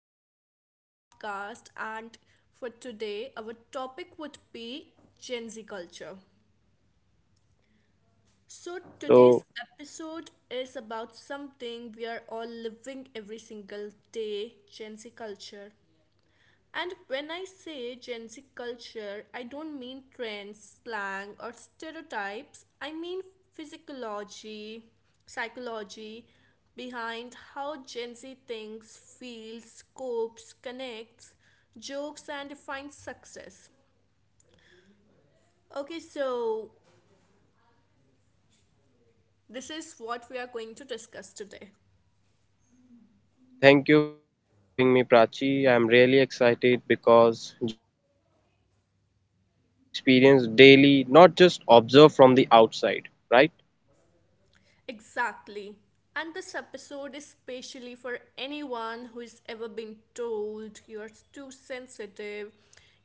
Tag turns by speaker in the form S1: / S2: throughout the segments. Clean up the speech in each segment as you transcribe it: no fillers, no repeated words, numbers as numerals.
S1: Suraj to the podcast, and for today, our topic would be Gen Z culture. So, today's
S2: So,
S1: episode is about something we are all living every single day Gen Z culture. And when I say Gen Z culture, I don't mean trends, slang, or stereotypes. I mean physiology, psychology behind how Gen Z thinks, feels, copes, connects, jokes, and defines success. Okay, so this is what we are going to discuss today.
S2: thank you for having me, Prachi. I'm really excited because Gen Z culture is something we experience daily, not just observe from the outside, right?
S1: Exactly. And this episode is specially for anyone who has ever been told you're too sensitive,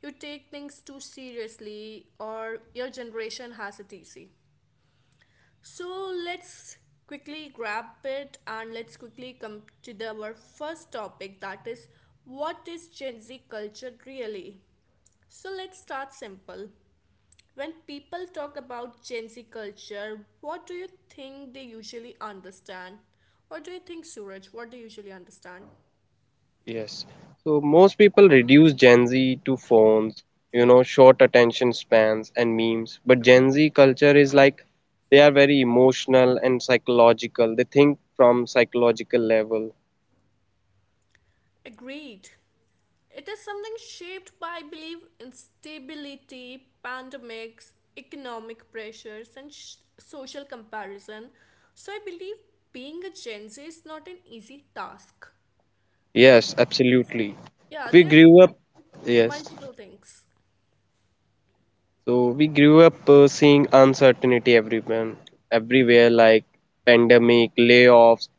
S1: you take things too seriously, or your generation has it easy. So let's quickly grab it and let's quickly come to our first topic, that is, what is Gen Z culture really? So let's start simple. When people talk about Gen Z culture, what do you think they usually understand? What do you think, Suraj? What do you usually understand?
S2: Yes. So, most people reduce Gen Z to phones, you know, short attention spans and memes. But Gen Z culture is like they are very emotional and psychological. They think from psychological level.
S1: Agreed. It is something shaped by, I believe, instability, pandemics, economic pressures, and social comparison. So I believe being a Gen Z is not an easy task. Okay.
S2: Yes, absolutely.
S1: Yeah,
S2: We
S1: they are dealing
S2: grew
S1: with
S2: up, yes.
S1: multiple things.
S2: So we grew up seeing uncertainty everywhere, everywhere like pandemic, layoffs.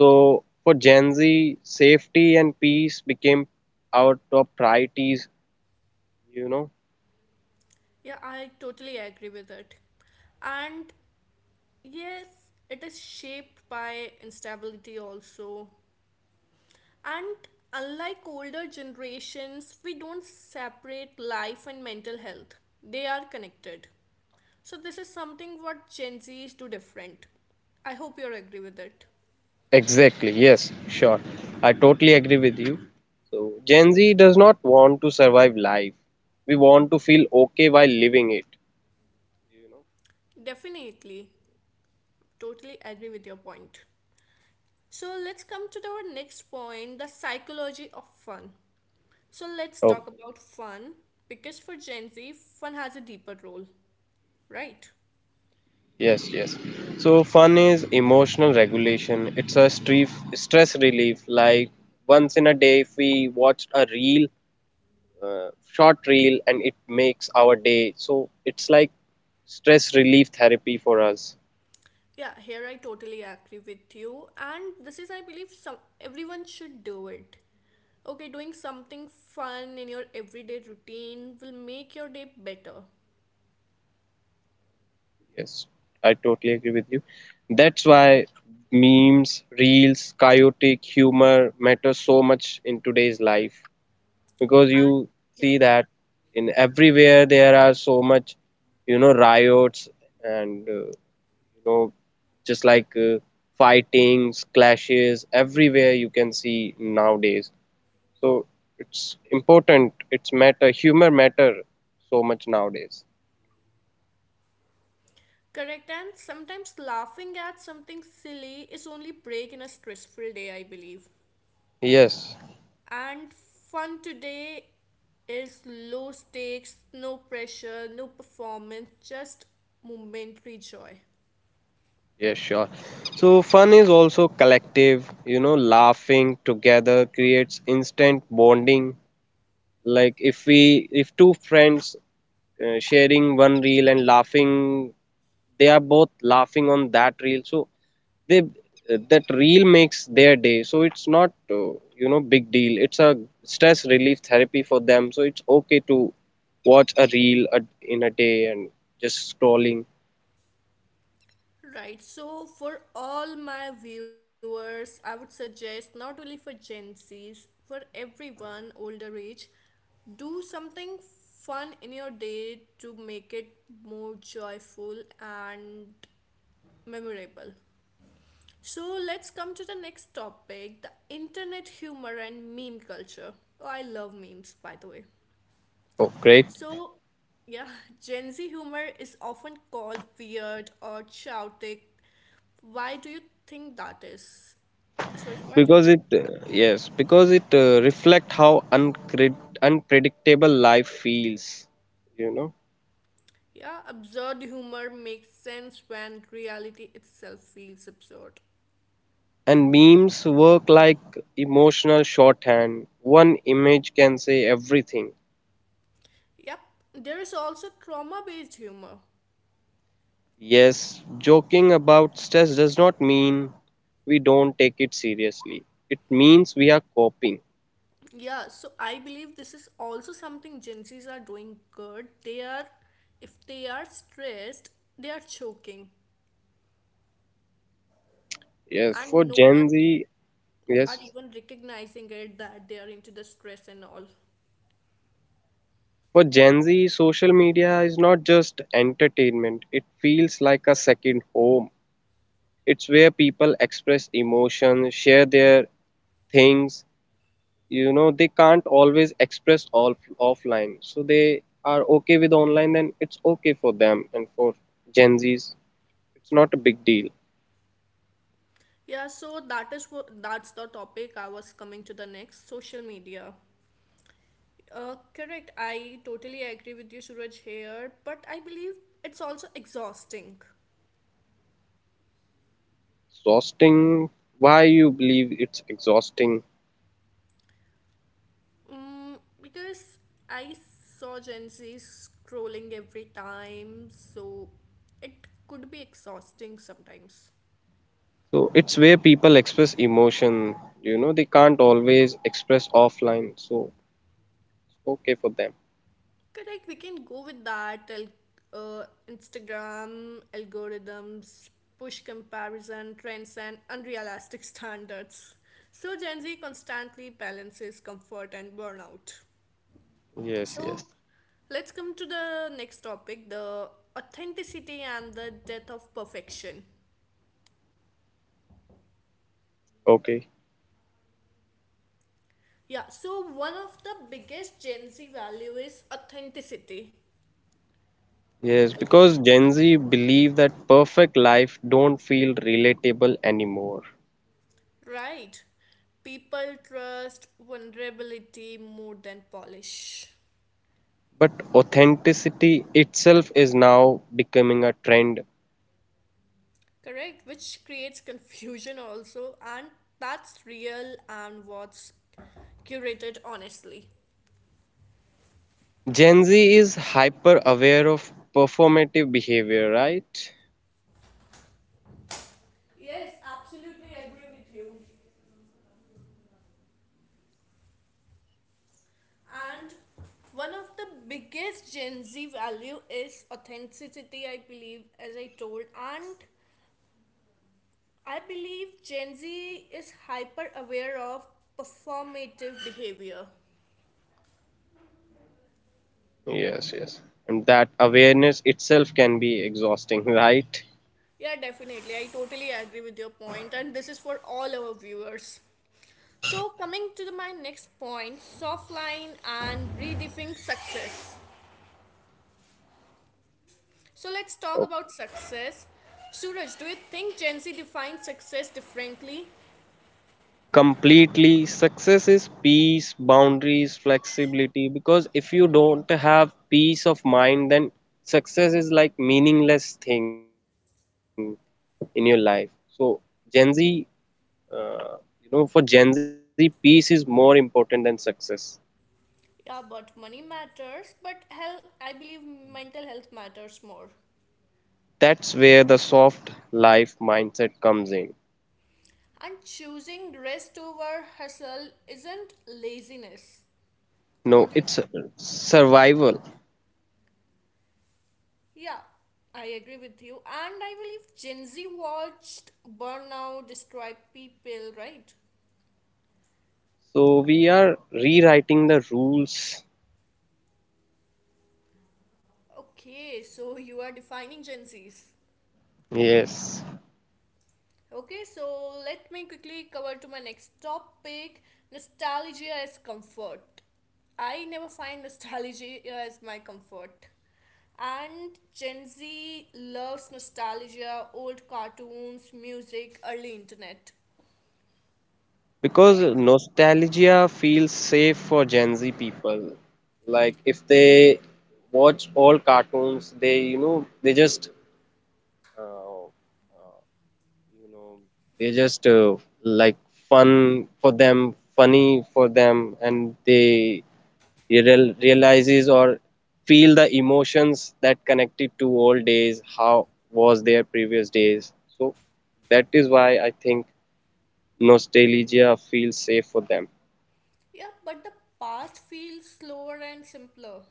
S2: So for Gen Z, safety and peace became our top priorities, you know.
S1: Yeah, I totally agree with it. And yes, it is shaped by instability also. And unlike older generations, we don't separate life and mental health. They are connected. So this is something what Gen Zs do different. I hope you agree with it.
S2: Exactly, yes, sure. I totally agree with you. So Gen Z does not want to survive life. We want to feel okay while living it, you
S1: Definitely, totally agree with your point. So let's come to our next point, the psychology of fun. So let's
S2: know.
S1: talk about fun because for Gen Z, fun has a deeper role, right?
S2: Yes, yes. So fun is emotional regulation. It's a stress relief. Like once in a day, if we watched a reel, short reel, and it makes our day. So it's like stress relief therapy for us.
S1: Yeah, here I totally agree with you. And this is, I believe, some everyone should do it. Okay, doing something fun in your everyday routine will make your day better.
S2: Yes, I totally agree with you. That's why memes, reels, chaotic humor matter so much in today's life, because
S1: And
S2: you
S1: yeah,
S2: see that in everywhere there are so much, you know, riots and you know, just like fightings, clashes everywhere you can see nowadays. So it's important, it's matter, humor matter so much nowadays.
S1: correct. And sometimes laughing at something silly is only break in a stressful day, I believe.
S2: Yes,
S1: And fun today is low stakes, no pressure, no performance, just momentary joy.
S2: yes, sure. So fun is also collective, you know, laughing together creates instant bonding. Like if two friends sharing one reel and laughing, they are both laughing on that reel. So they, that reel makes their day. So it's not uh, you know, big deal. It's a stress relief therapy for them. So it's okay to watch a reel a, in a day and just scrolling.
S1: Right, so for all my viewers, I would suggest not only for Gen Zs, for everyone older age, do something fun in your day to make it more joyful and memorable. So let's come to the next topic, the internet humor and meme culture. Oh, I love memes, by the way.
S2: Oh, great.
S1: So, yeah, Gen Z humor is often called weird or chaotic. Why do you think that is? Suresh, why do you
S2: Because it
S1: think?
S2: Yes, because it reflect how uncred- unpredictable life feels, you know.
S1: Yeah, absurd humor makes sense when reality itself feels absurd.
S2: And memes work like emotional shorthand. One image can say everything.
S1: Yep, there is also trauma based humor.
S2: Yes, joking about stress does not mean we don't take it seriously. It means we are coping.
S1: Yeah, so I believe this is also something Gen Zs are doing good. They are, if they are stressed, they are choking,
S2: Yes, for
S1: and no
S2: Gen
S1: one
S2: Z,
S1: are
S2: yes,
S1: even recognizing it that they are into the stress and all.
S2: for Gen Z, social media is not just entertainment. It feels like a second home. It's where people express emotions, share their things, you know they can't always express all offline, so they are okay with online, then it's okay for them, and for Gen Z's it's not a big deal.
S1: Yeah, so that is what, that's the topic I was coming to the next, social media. Correct, I totally agree with you, Suraj, here, but I believe it's also exhausting.
S2: Exhausting? Why you believe it's exhausting?
S1: Mm, because I saw Gen Z scrolling every time, so it could be exhausting sometimes.
S2: So it's where people express emotion, you know they can't always express offline, so it's okay for them.
S1: Correct, we can go with that. Instagram algorithms push comparison, trends, and unrealistic standards. So, Gen Z constantly balances comfort and burnout.
S2: Yes,
S1: So,
S2: yes.
S1: let's come to the next topic, the authenticity and the death of perfection.
S2: Okay.
S1: Yeah, so one of the biggest Gen Z value is authenticity.
S2: Yes, because Gen Z believe that perfect life don't feel relatable anymore.
S1: Right. People trust vulnerability more than polish.
S2: But authenticity itself is now becoming a trend.
S1: Correct. Which creates confusion also, and that's real and what's curated honestly.
S2: Gen Z is hyper aware of performative behavior, right?
S1: Yes, absolutely agree with you. And one of the biggest Gen Z value is authenticity, I believe, as I told. And I believe Gen Z is hyper aware of performative behavior.
S2: Yes, yes. And that awareness itself can be exhausting, right?
S1: Yeah, definitely. I totally agree with your point, and this is for all our viewers. So, coming to my next point, soft line and redefining success. So, let's talk
S2: Oh,
S1: about success. Suraj, do you think Gen Z defines success differently?
S2: completely. Success is peace, boundaries, flexibility. Because if you don't have peace of mind, then success is like meaningless thing in your life. So Gen Z, Uh, you know, for Gen Z, peace is more important than success.
S1: Yeah, but money matters, but health, I believe mental health matters more.
S2: That's where the soft life mindset comes in.
S1: And choosing rest over hustle isn't laziness.
S2: No,
S1: What do you.
S2: it's survival.
S1: Yeah, I agree with you. And I believe Gen Z watched Burnout Destroy People, right?
S2: So we are rewriting the rules.
S1: Okay, so you are defining Gen Zs.
S2: Yes.
S1: Okay, so let me quickly cover to my next topic, nostalgia as comfort. I never find nostalgia as my comfort. And Gen Z loves nostalgia, old cartoons, music, early internet,
S2: Because
S1: right?
S2: nostalgia feels safe for Gen Z people. Like if they watch all cartoons, they, you know, they just uh, you know they're just like fun for them, funny for them, and they realizes or feel the emotions that connected to old days, how was their previous days. So that is why I think nostalgia feels safe for them.
S1: Yeah, but the past feels slower and simpler.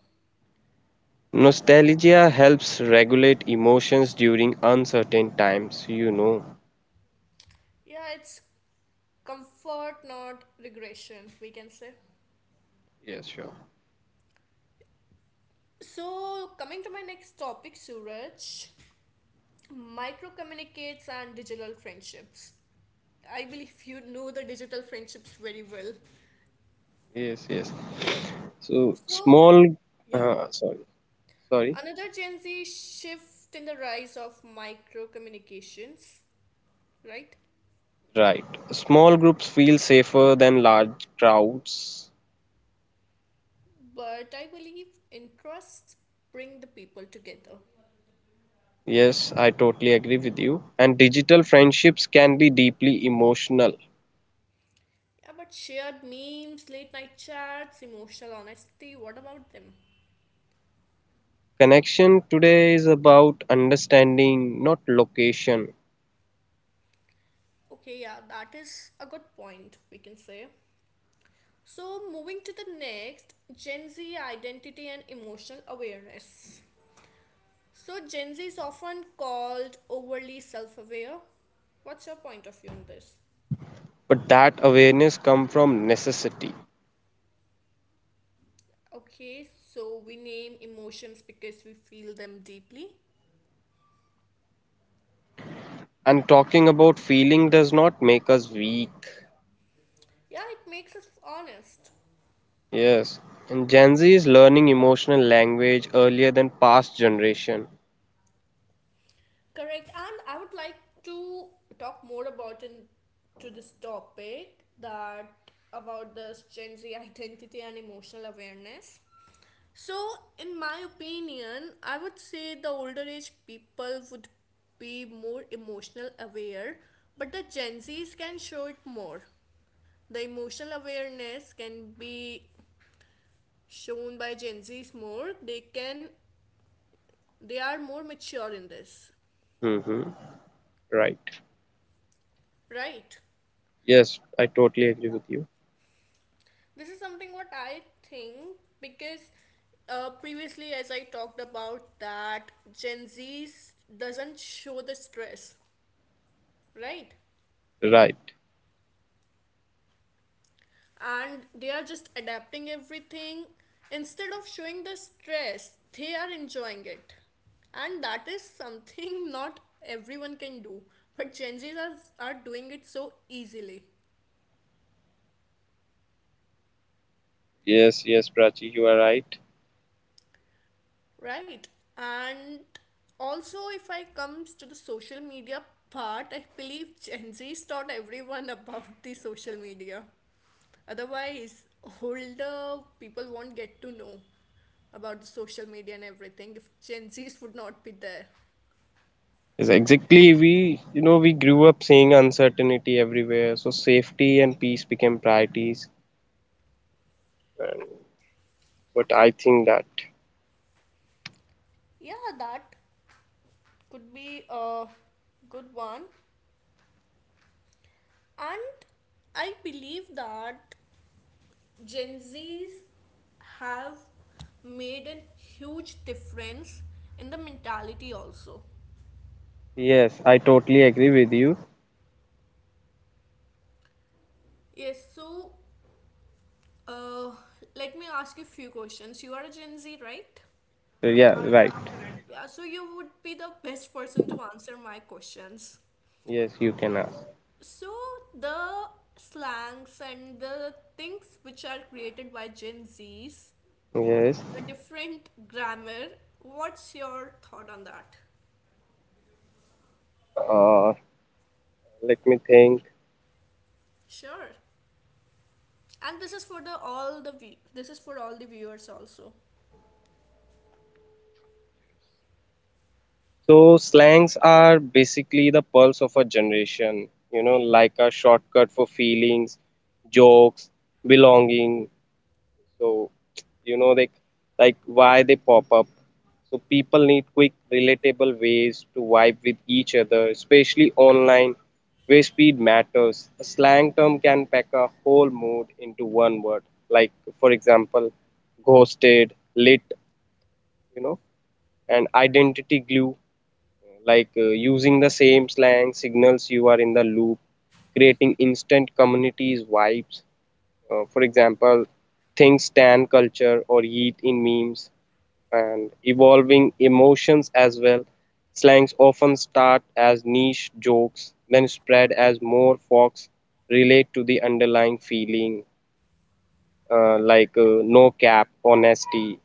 S2: Nostalgia helps regulate emotions during uncertain times, you know.
S1: Yeah, it's comfort, not regression, we can say.
S2: Yes, sure.
S1: So, coming to my next topic, Suraj, micro communicates and digital friendships. I believe you know the digital friendships very well.
S2: Yes, yes. So
S1: So,
S2: small
S1: yeah,
S2: sorry, sorry.
S1: another Gen Z shift in the rise of micro communications, right?
S2: Right. Small groups feel safer than large crowds.
S1: But I believe interests bring the people together.
S2: Yes, I totally agree with you. And digital friendships can be deeply emotional.
S1: Yeah, but shared memes, late night chats, emotional honesty, what about them?
S2: Connection today is about understanding, not location.
S1: Okay, yeah, that is a good point, we can say. So, moving to the next, Gen Z identity and emotional awareness. So, Gen Z is often called overly self aware. What's your point of view on this?
S2: But that awareness comes from necessity.
S1: Okay, so we name emotions because we feel them deeply.
S2: And talking about feeling does not make us weak.
S1: Yeah, it makes us honest.
S2: Yes. And Gen Z is learning emotional language earlier than past generation.
S1: Correct. And I would like to talk more about in, to this topic that about this Gen Z identity and emotional awareness. So, in my opinion, I would say the older age people would be more emotional aware, but the Gen Zs can show it more. The emotional awareness can be shown by Gen Zs more. They are more mature in this,
S2: Mm-hmm. Right.
S1: right?
S2: Yes, I totally agree with you.
S1: This is something what I think because previously, as I talked about, that Gen Z doesn't show the stress, right?
S2: Right.
S1: And they are just adapting everything. Instead of showing the stress, they are enjoying it. And that is something not everyone can do. But Gen Zs are doing it so easily.
S2: Yes, yes, Prachi, you are right.
S1: Right. And also, if I comes to the social media part, I believe Gen Z's taught everyone about the social media. Otherwise, older people won't get to know about the social media and everything if Gen Z's would not be there.
S2: Yes, exactly. We, you know, we grew up seeing uncertainty everywhere, so safety and peace became priorities. And, but I think that.
S1: Yeah, that could be a good one. And I believe that Gen Zs have made a huge difference in the mentality also.
S2: Yes, I totally agree with you.
S1: Yes, so uh, let me ask you a few questions. You are a Gen Z, right?
S2: So, yeah, right.
S1: Yeah, so you would be the best person to answer my questions.
S2: Yes, you can ask.
S1: So the slangs and the things which are created by Gen Zs,
S2: Yes.
S1: the different grammar, what's your thought on that?
S2: Uh, Let me think.
S1: Sure. And this is for the all the view this is for all the viewers also.
S2: So slangs are basically the pulse of a generation, you know, like a shortcut for feelings, jokes, belonging. So, you know, like why they pop up. So people need quick, relatable ways to vibe with each other, especially online, where speed matters. A slang term can pack a whole mood into one word. Like, for example, ghosted, lit, you know, and identity glue. Like using the same slang signals you are in the loop, creating instant communities vibes. For example, think stan culture or yeet in memes and evolving emotions as well. Slangs often start as niche jokes, then spread as more folks relate to the underlying feeling, no cap, honesty,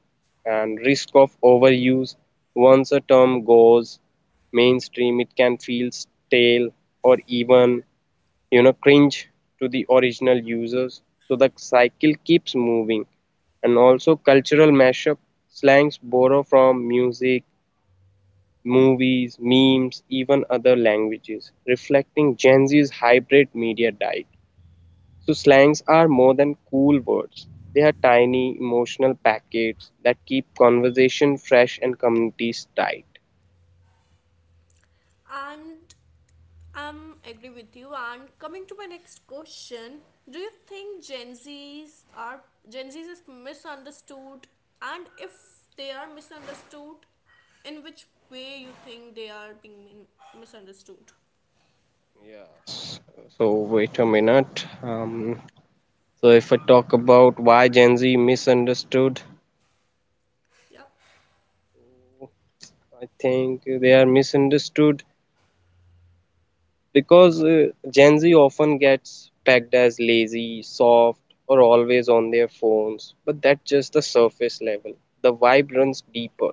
S2: and risk of overuse. Once a term goes mainstream, it can feel stale or even, you know, cringe to the original users. So the cycle keeps moving. And also cultural mashup, slangs borrow from music, movies, memes, even other languages, reflecting Gen Z's hybrid media diet. So slangs are more than cool words, they are tiny emotional packets that keep conversation fresh and communities tight.
S1: And I'm agree with you, and coming to my next question, do you think Gen Z's is misunderstood, and if they are misunderstood, in which way you think they are being misunderstood?
S2: Yes. So wait a minute. So if I talk about why Gen Z misunderstood,
S1: Yeah,
S2: I think they are misunderstood because Gen Z often gets tagged as lazy, soft, or always on their phones. But that's just the surface level. The vibe runs deeper,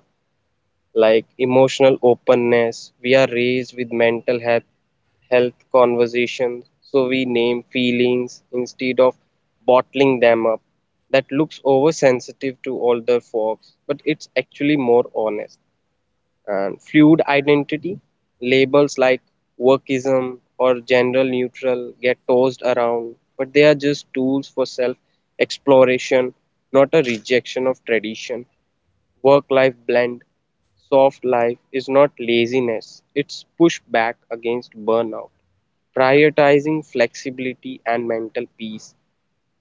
S2: like emotional openness. We are raised with mental health conversations, so we name feelings instead of bottling them up. That looks oversensitive to older folks, but it's actually more honest. And fluid identity, labels like workism or general neutral get tossed around, but they are just tools for self exploration, not a rejection of tradition. Work life blend, soft life is not laziness, it's pushback against burnout, prioritizing flexibility and mental peace,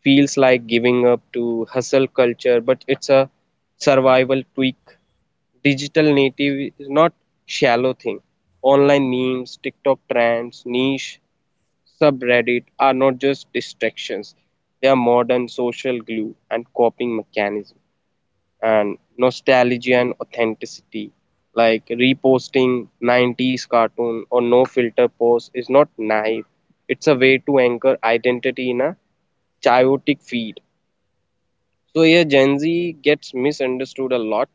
S2: feels like giving up to hustle culture, but it's a survival tweak. Digital native is not shallow thing. Online memes, TikTok trends, niche, subreddit are not just distractions. They are modern social glue and coping mechanism, and nostalgia and authenticity. Like reposting 90s cartoon or no filter post is not naive. It's a way to anchor identity in a chaotic feed. So here Gen Z gets misunderstood a lot.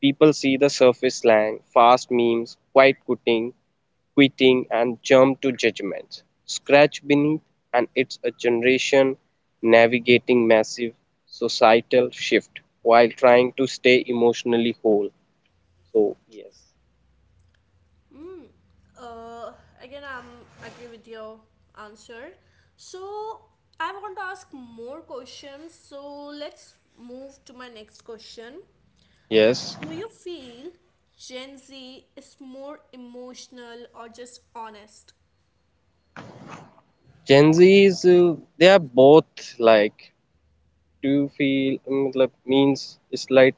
S2: People see the surface slang, fast memes, quiet quitting, and jump to judgments. Scratch beneath, and it's a generation navigating massive societal shift while trying to stay emotionally whole. So yes,
S1: uh, again, I'm agree with your answer. So I want to ask more questions, so let's move to my next question.
S2: yes,
S1: Do you feel Gen Z is more emotional or just honest?
S2: Gen Z is they are both like. Do you feel like means it's like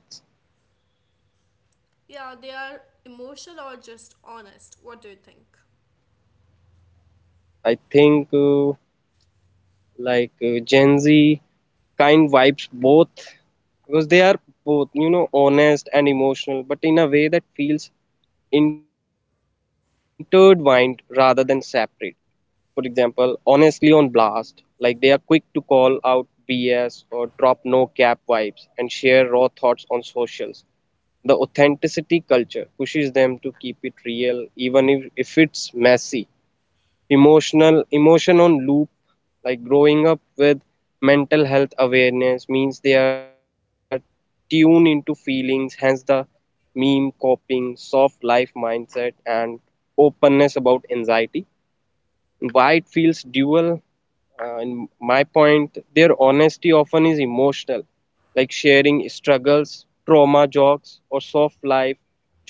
S1: Yeah, they are emotional or just honest. What do you think?
S2: I think Gen Z kind vibes both, because they are both, you know, honest and emotional, but in a way that feels intertwined rather than separate. For example, honestly on blast, like they are quick to call out bs or drop no cap vibes and share raw thoughts on socials. The authenticity culture pushes them to keep it real even if it's messy. Emotional emotion on loop, like growing up with mental health awareness means they are tuned into feelings, hence the meme coping, soft life mindset, and openness about anxiety. Why it feels dual? In my point, their honesty often is emotional. Like sharing struggles, trauma jokes, or soft life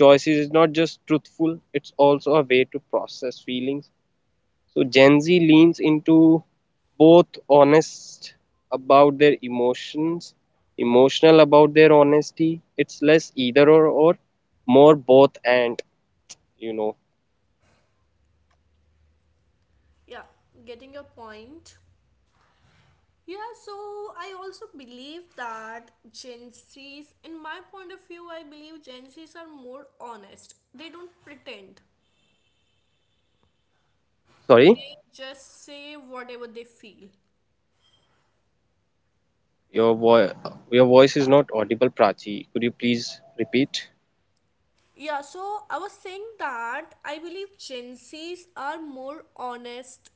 S2: choices is not just truthful, it's also a way to process feelings. So Gen Z leans into both, honest about their emotions, emotional about their honesty. It's less either or more both and, you know.
S1: Yeah, getting your point. Yeah, so I also believe that Gen Zs, in my point of view, I believe Gen Zs are more honest. They don't pretend,
S2: Sorry,
S1: they just say whatever they feel.
S2: your voice your voice is not audible, Prachi. Could you please repeat?
S1: Yeah, so I was saying that I believe Gen Zs are more honest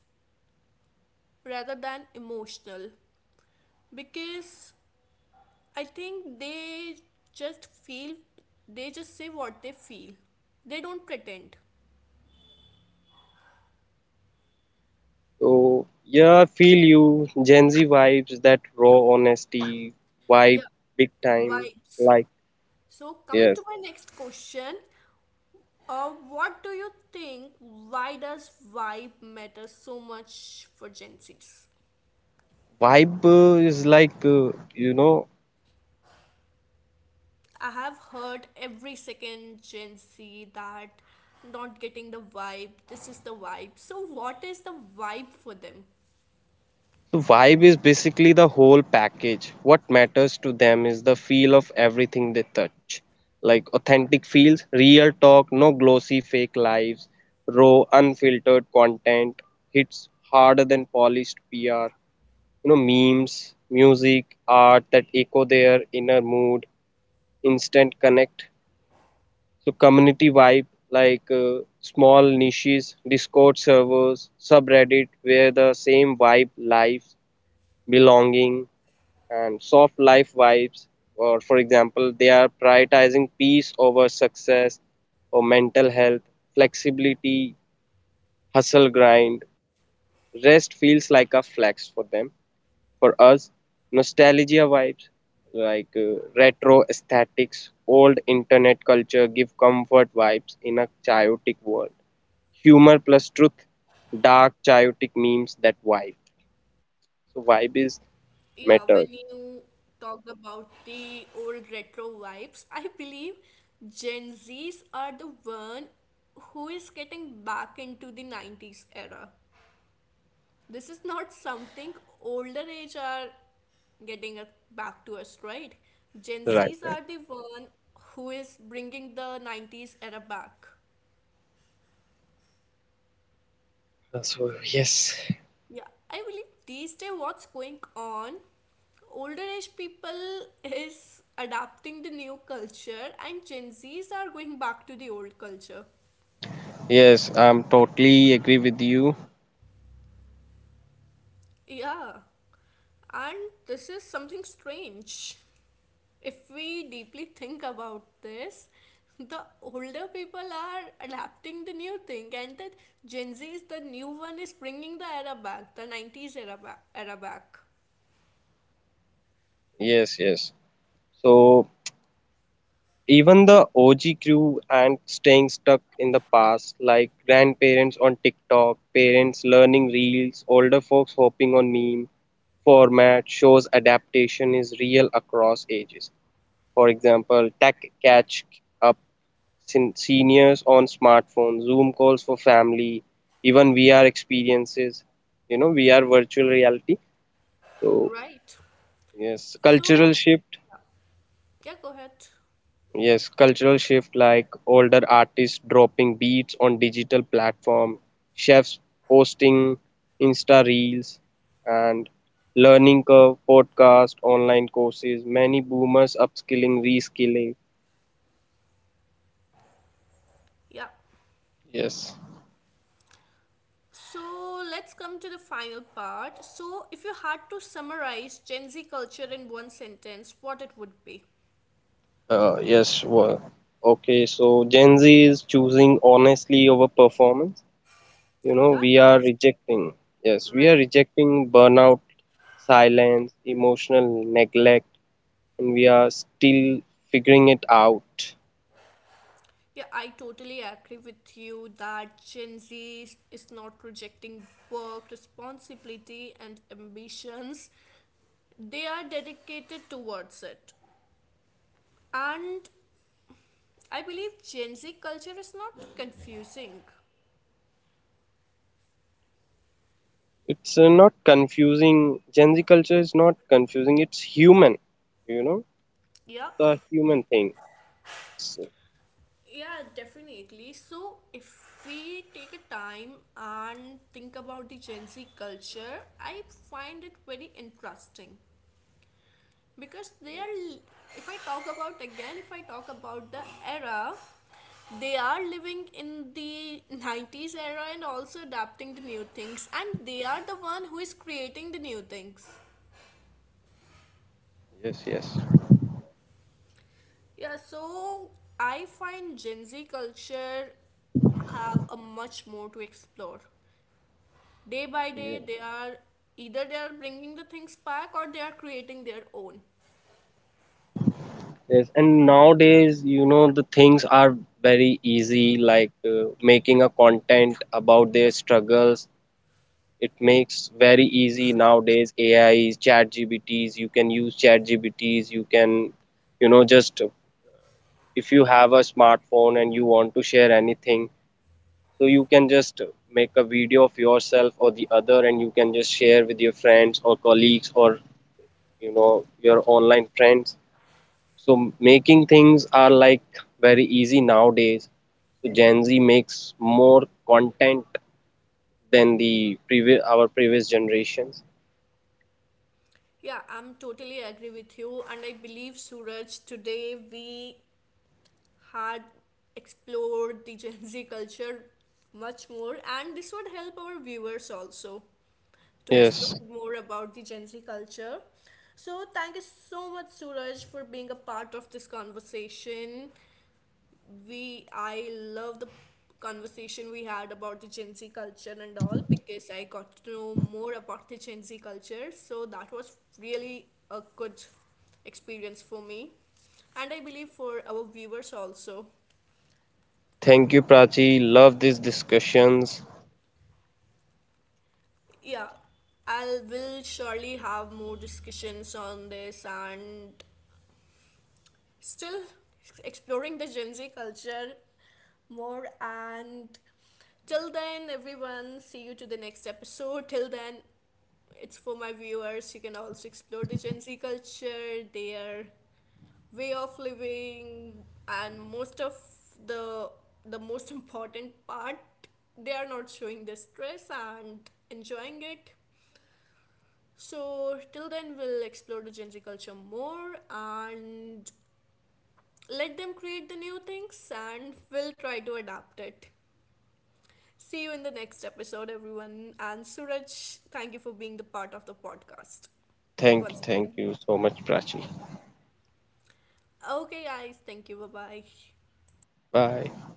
S1: rather than emotional because I think just feel, they just say what they feel. They don't pretend.
S2: So yeah, I feel you Gen Z vibes that raw honesty vibe
S1: Yeah,
S2: big time
S1: vibes.
S2: like
S1: So, coming to
S2: yes.
S1: my next question, what do you think? Why does vibe matter so much for Gen Zs?
S2: Vibe is like you know.
S1: I have heard every second Gen Z that not getting the vibe, this is the vibe. So, what is the vibe for them?
S2: So vibe is basically the whole package. What matters to them is the feel of everything they touch. Like authentic feels, real talk, no glossy fake lives, raw, unfiltered content hits harder than polished PR. You know, memes, music, art that echo their inner mood, instant connect. So community vibe, like small niches, Discord servers, subreddit where the same vibe, life, belonging, and soft life vibes. Or for example, they are prioritizing peace over success, or mental health, flexibility, hustle grind, rest feels like a flex for them, for us. Nostalgia vibes like retro aesthetics, old internet culture give comfort vibes in a chaotic world. Humor plus truth, dark chaotic memes that vibe. So vibe is
S1: Yeah,
S2: matter,
S1: when you talked about the old retro vibes, I believe Gen Zs are the one who is getting back into the 90s era. This is not something older age are back to us, right? Gen Zs
S2: right?
S1: are the one who is bringing the 90s era back.
S2: So yes.
S1: Yeah, I believe these days what's going on, older age people is adapting the new culture and Gen Zs are going back to the old culture.
S2: Yes, I'm totally agree with you.
S1: Yeah, and this is something strange. If we deeply think about this, the older people are adapting the new thing, and that Gen Z is the new one is bringing the era back, the 90s era back.
S2: Yes, yes. So even the OG crew and staying stuck in the past, like grandparents on TikTok, parents learning reels, older folks hopping on meme format shows adaptation is real across ages. For example, tech catch up, seniors on smartphones, Zoom calls for family, even VR experiences, you know, VR virtual reality. So
S1: Right.
S2: yes, cultural
S1: So,
S2: shift.
S1: yeah, go ahead.
S2: Yes, cultural shift like older artists dropping beats on digital platform, chefs posting Insta reels, and learning curve, podcast, online courses. Many boomers upskilling, reskilling.
S1: Yeah.
S2: Yes.
S1: So let's come to the final part. So, if you had to summarize Gen Z culture in one sentence, what it would be?
S2: Yes. Well, okay. So Gen Z is choosing honestly over performance. You
S1: Yeah,
S2: know, we are
S1: that's
S2: rejecting. Yes, we are
S1: right.
S2: rejecting burnout, silence, emotional neglect, and we are still figuring it out.
S1: Yeah, I totally agree with you that Gen Z is not rejecting work, responsibility, and ambitions. They are dedicated towards it. And I believe Gen Z culture is not confusing.
S2: It's not confusing. Gen Z culture is not confusing. It's human, you know,
S1: Yeah,
S2: the human thing. So,
S1: yeah, definitely. So, if we take a time and think about the Gen Z culture, I find it very interesting because they are, if I talk about again, if I talk about the era, they are living in the 90s era and also adapting the new things, and they are the one who is creating the new things.
S2: yes, yes.
S1: Yeah, so I find Gen Z culture have a much more to explore. Day by day,
S2: Yeah.
S1: they are either they are bringing the things back or they are creating their own.
S2: Yes, and nowadays, you know, the things are very easy, like making a content about their struggles. It makes very easy nowadays. AIs, chat GBTs, you can use chat GBTs, you can, you know, just if you have a smartphone and you want to share anything, so you can just make a video of yourself or the other and you can just share with your friends or colleagues, or you know, your online friends. So making things are like very easy nowadays. So Gen Z makes more content than the previous, our previous generations.
S1: Yeah, I'm totally agree with you, and I believe Suraj today we had explored the Gen Z culture much more, and this would help our viewers also to explore
S2: Yes,
S1: more about the Gen Z culture. So, thank you so much, Suraj, for being a part of this conversation. We I love the conversation we had about the Gen Z culture and all because I got to know more about the Gen Z culture. So that was really a good experience for me, and I believe for our viewers also.
S2: thank you, Prachi. Love these discussions.
S1: Yeah, I will surely have more discussions on this and still exploring the Gen Z culture more. And till then, everyone, see you to the next episode. Till then, it's for my viewers. You can also explore the Gen Z culture, their way of living, and most of the the most important part, they are not showing their stress and enjoying it. So till then, we'll explore the Gen Z culture more and let them create the new things, and we'll try to adapt it. See you in the next episode, everyone. And Suraj, thank you for being the part of the podcast once
S2: Thank
S1: again.
S2: you so much, Prachi.
S1: Okay, guys. Thank you. Bye bye.
S2: Bye.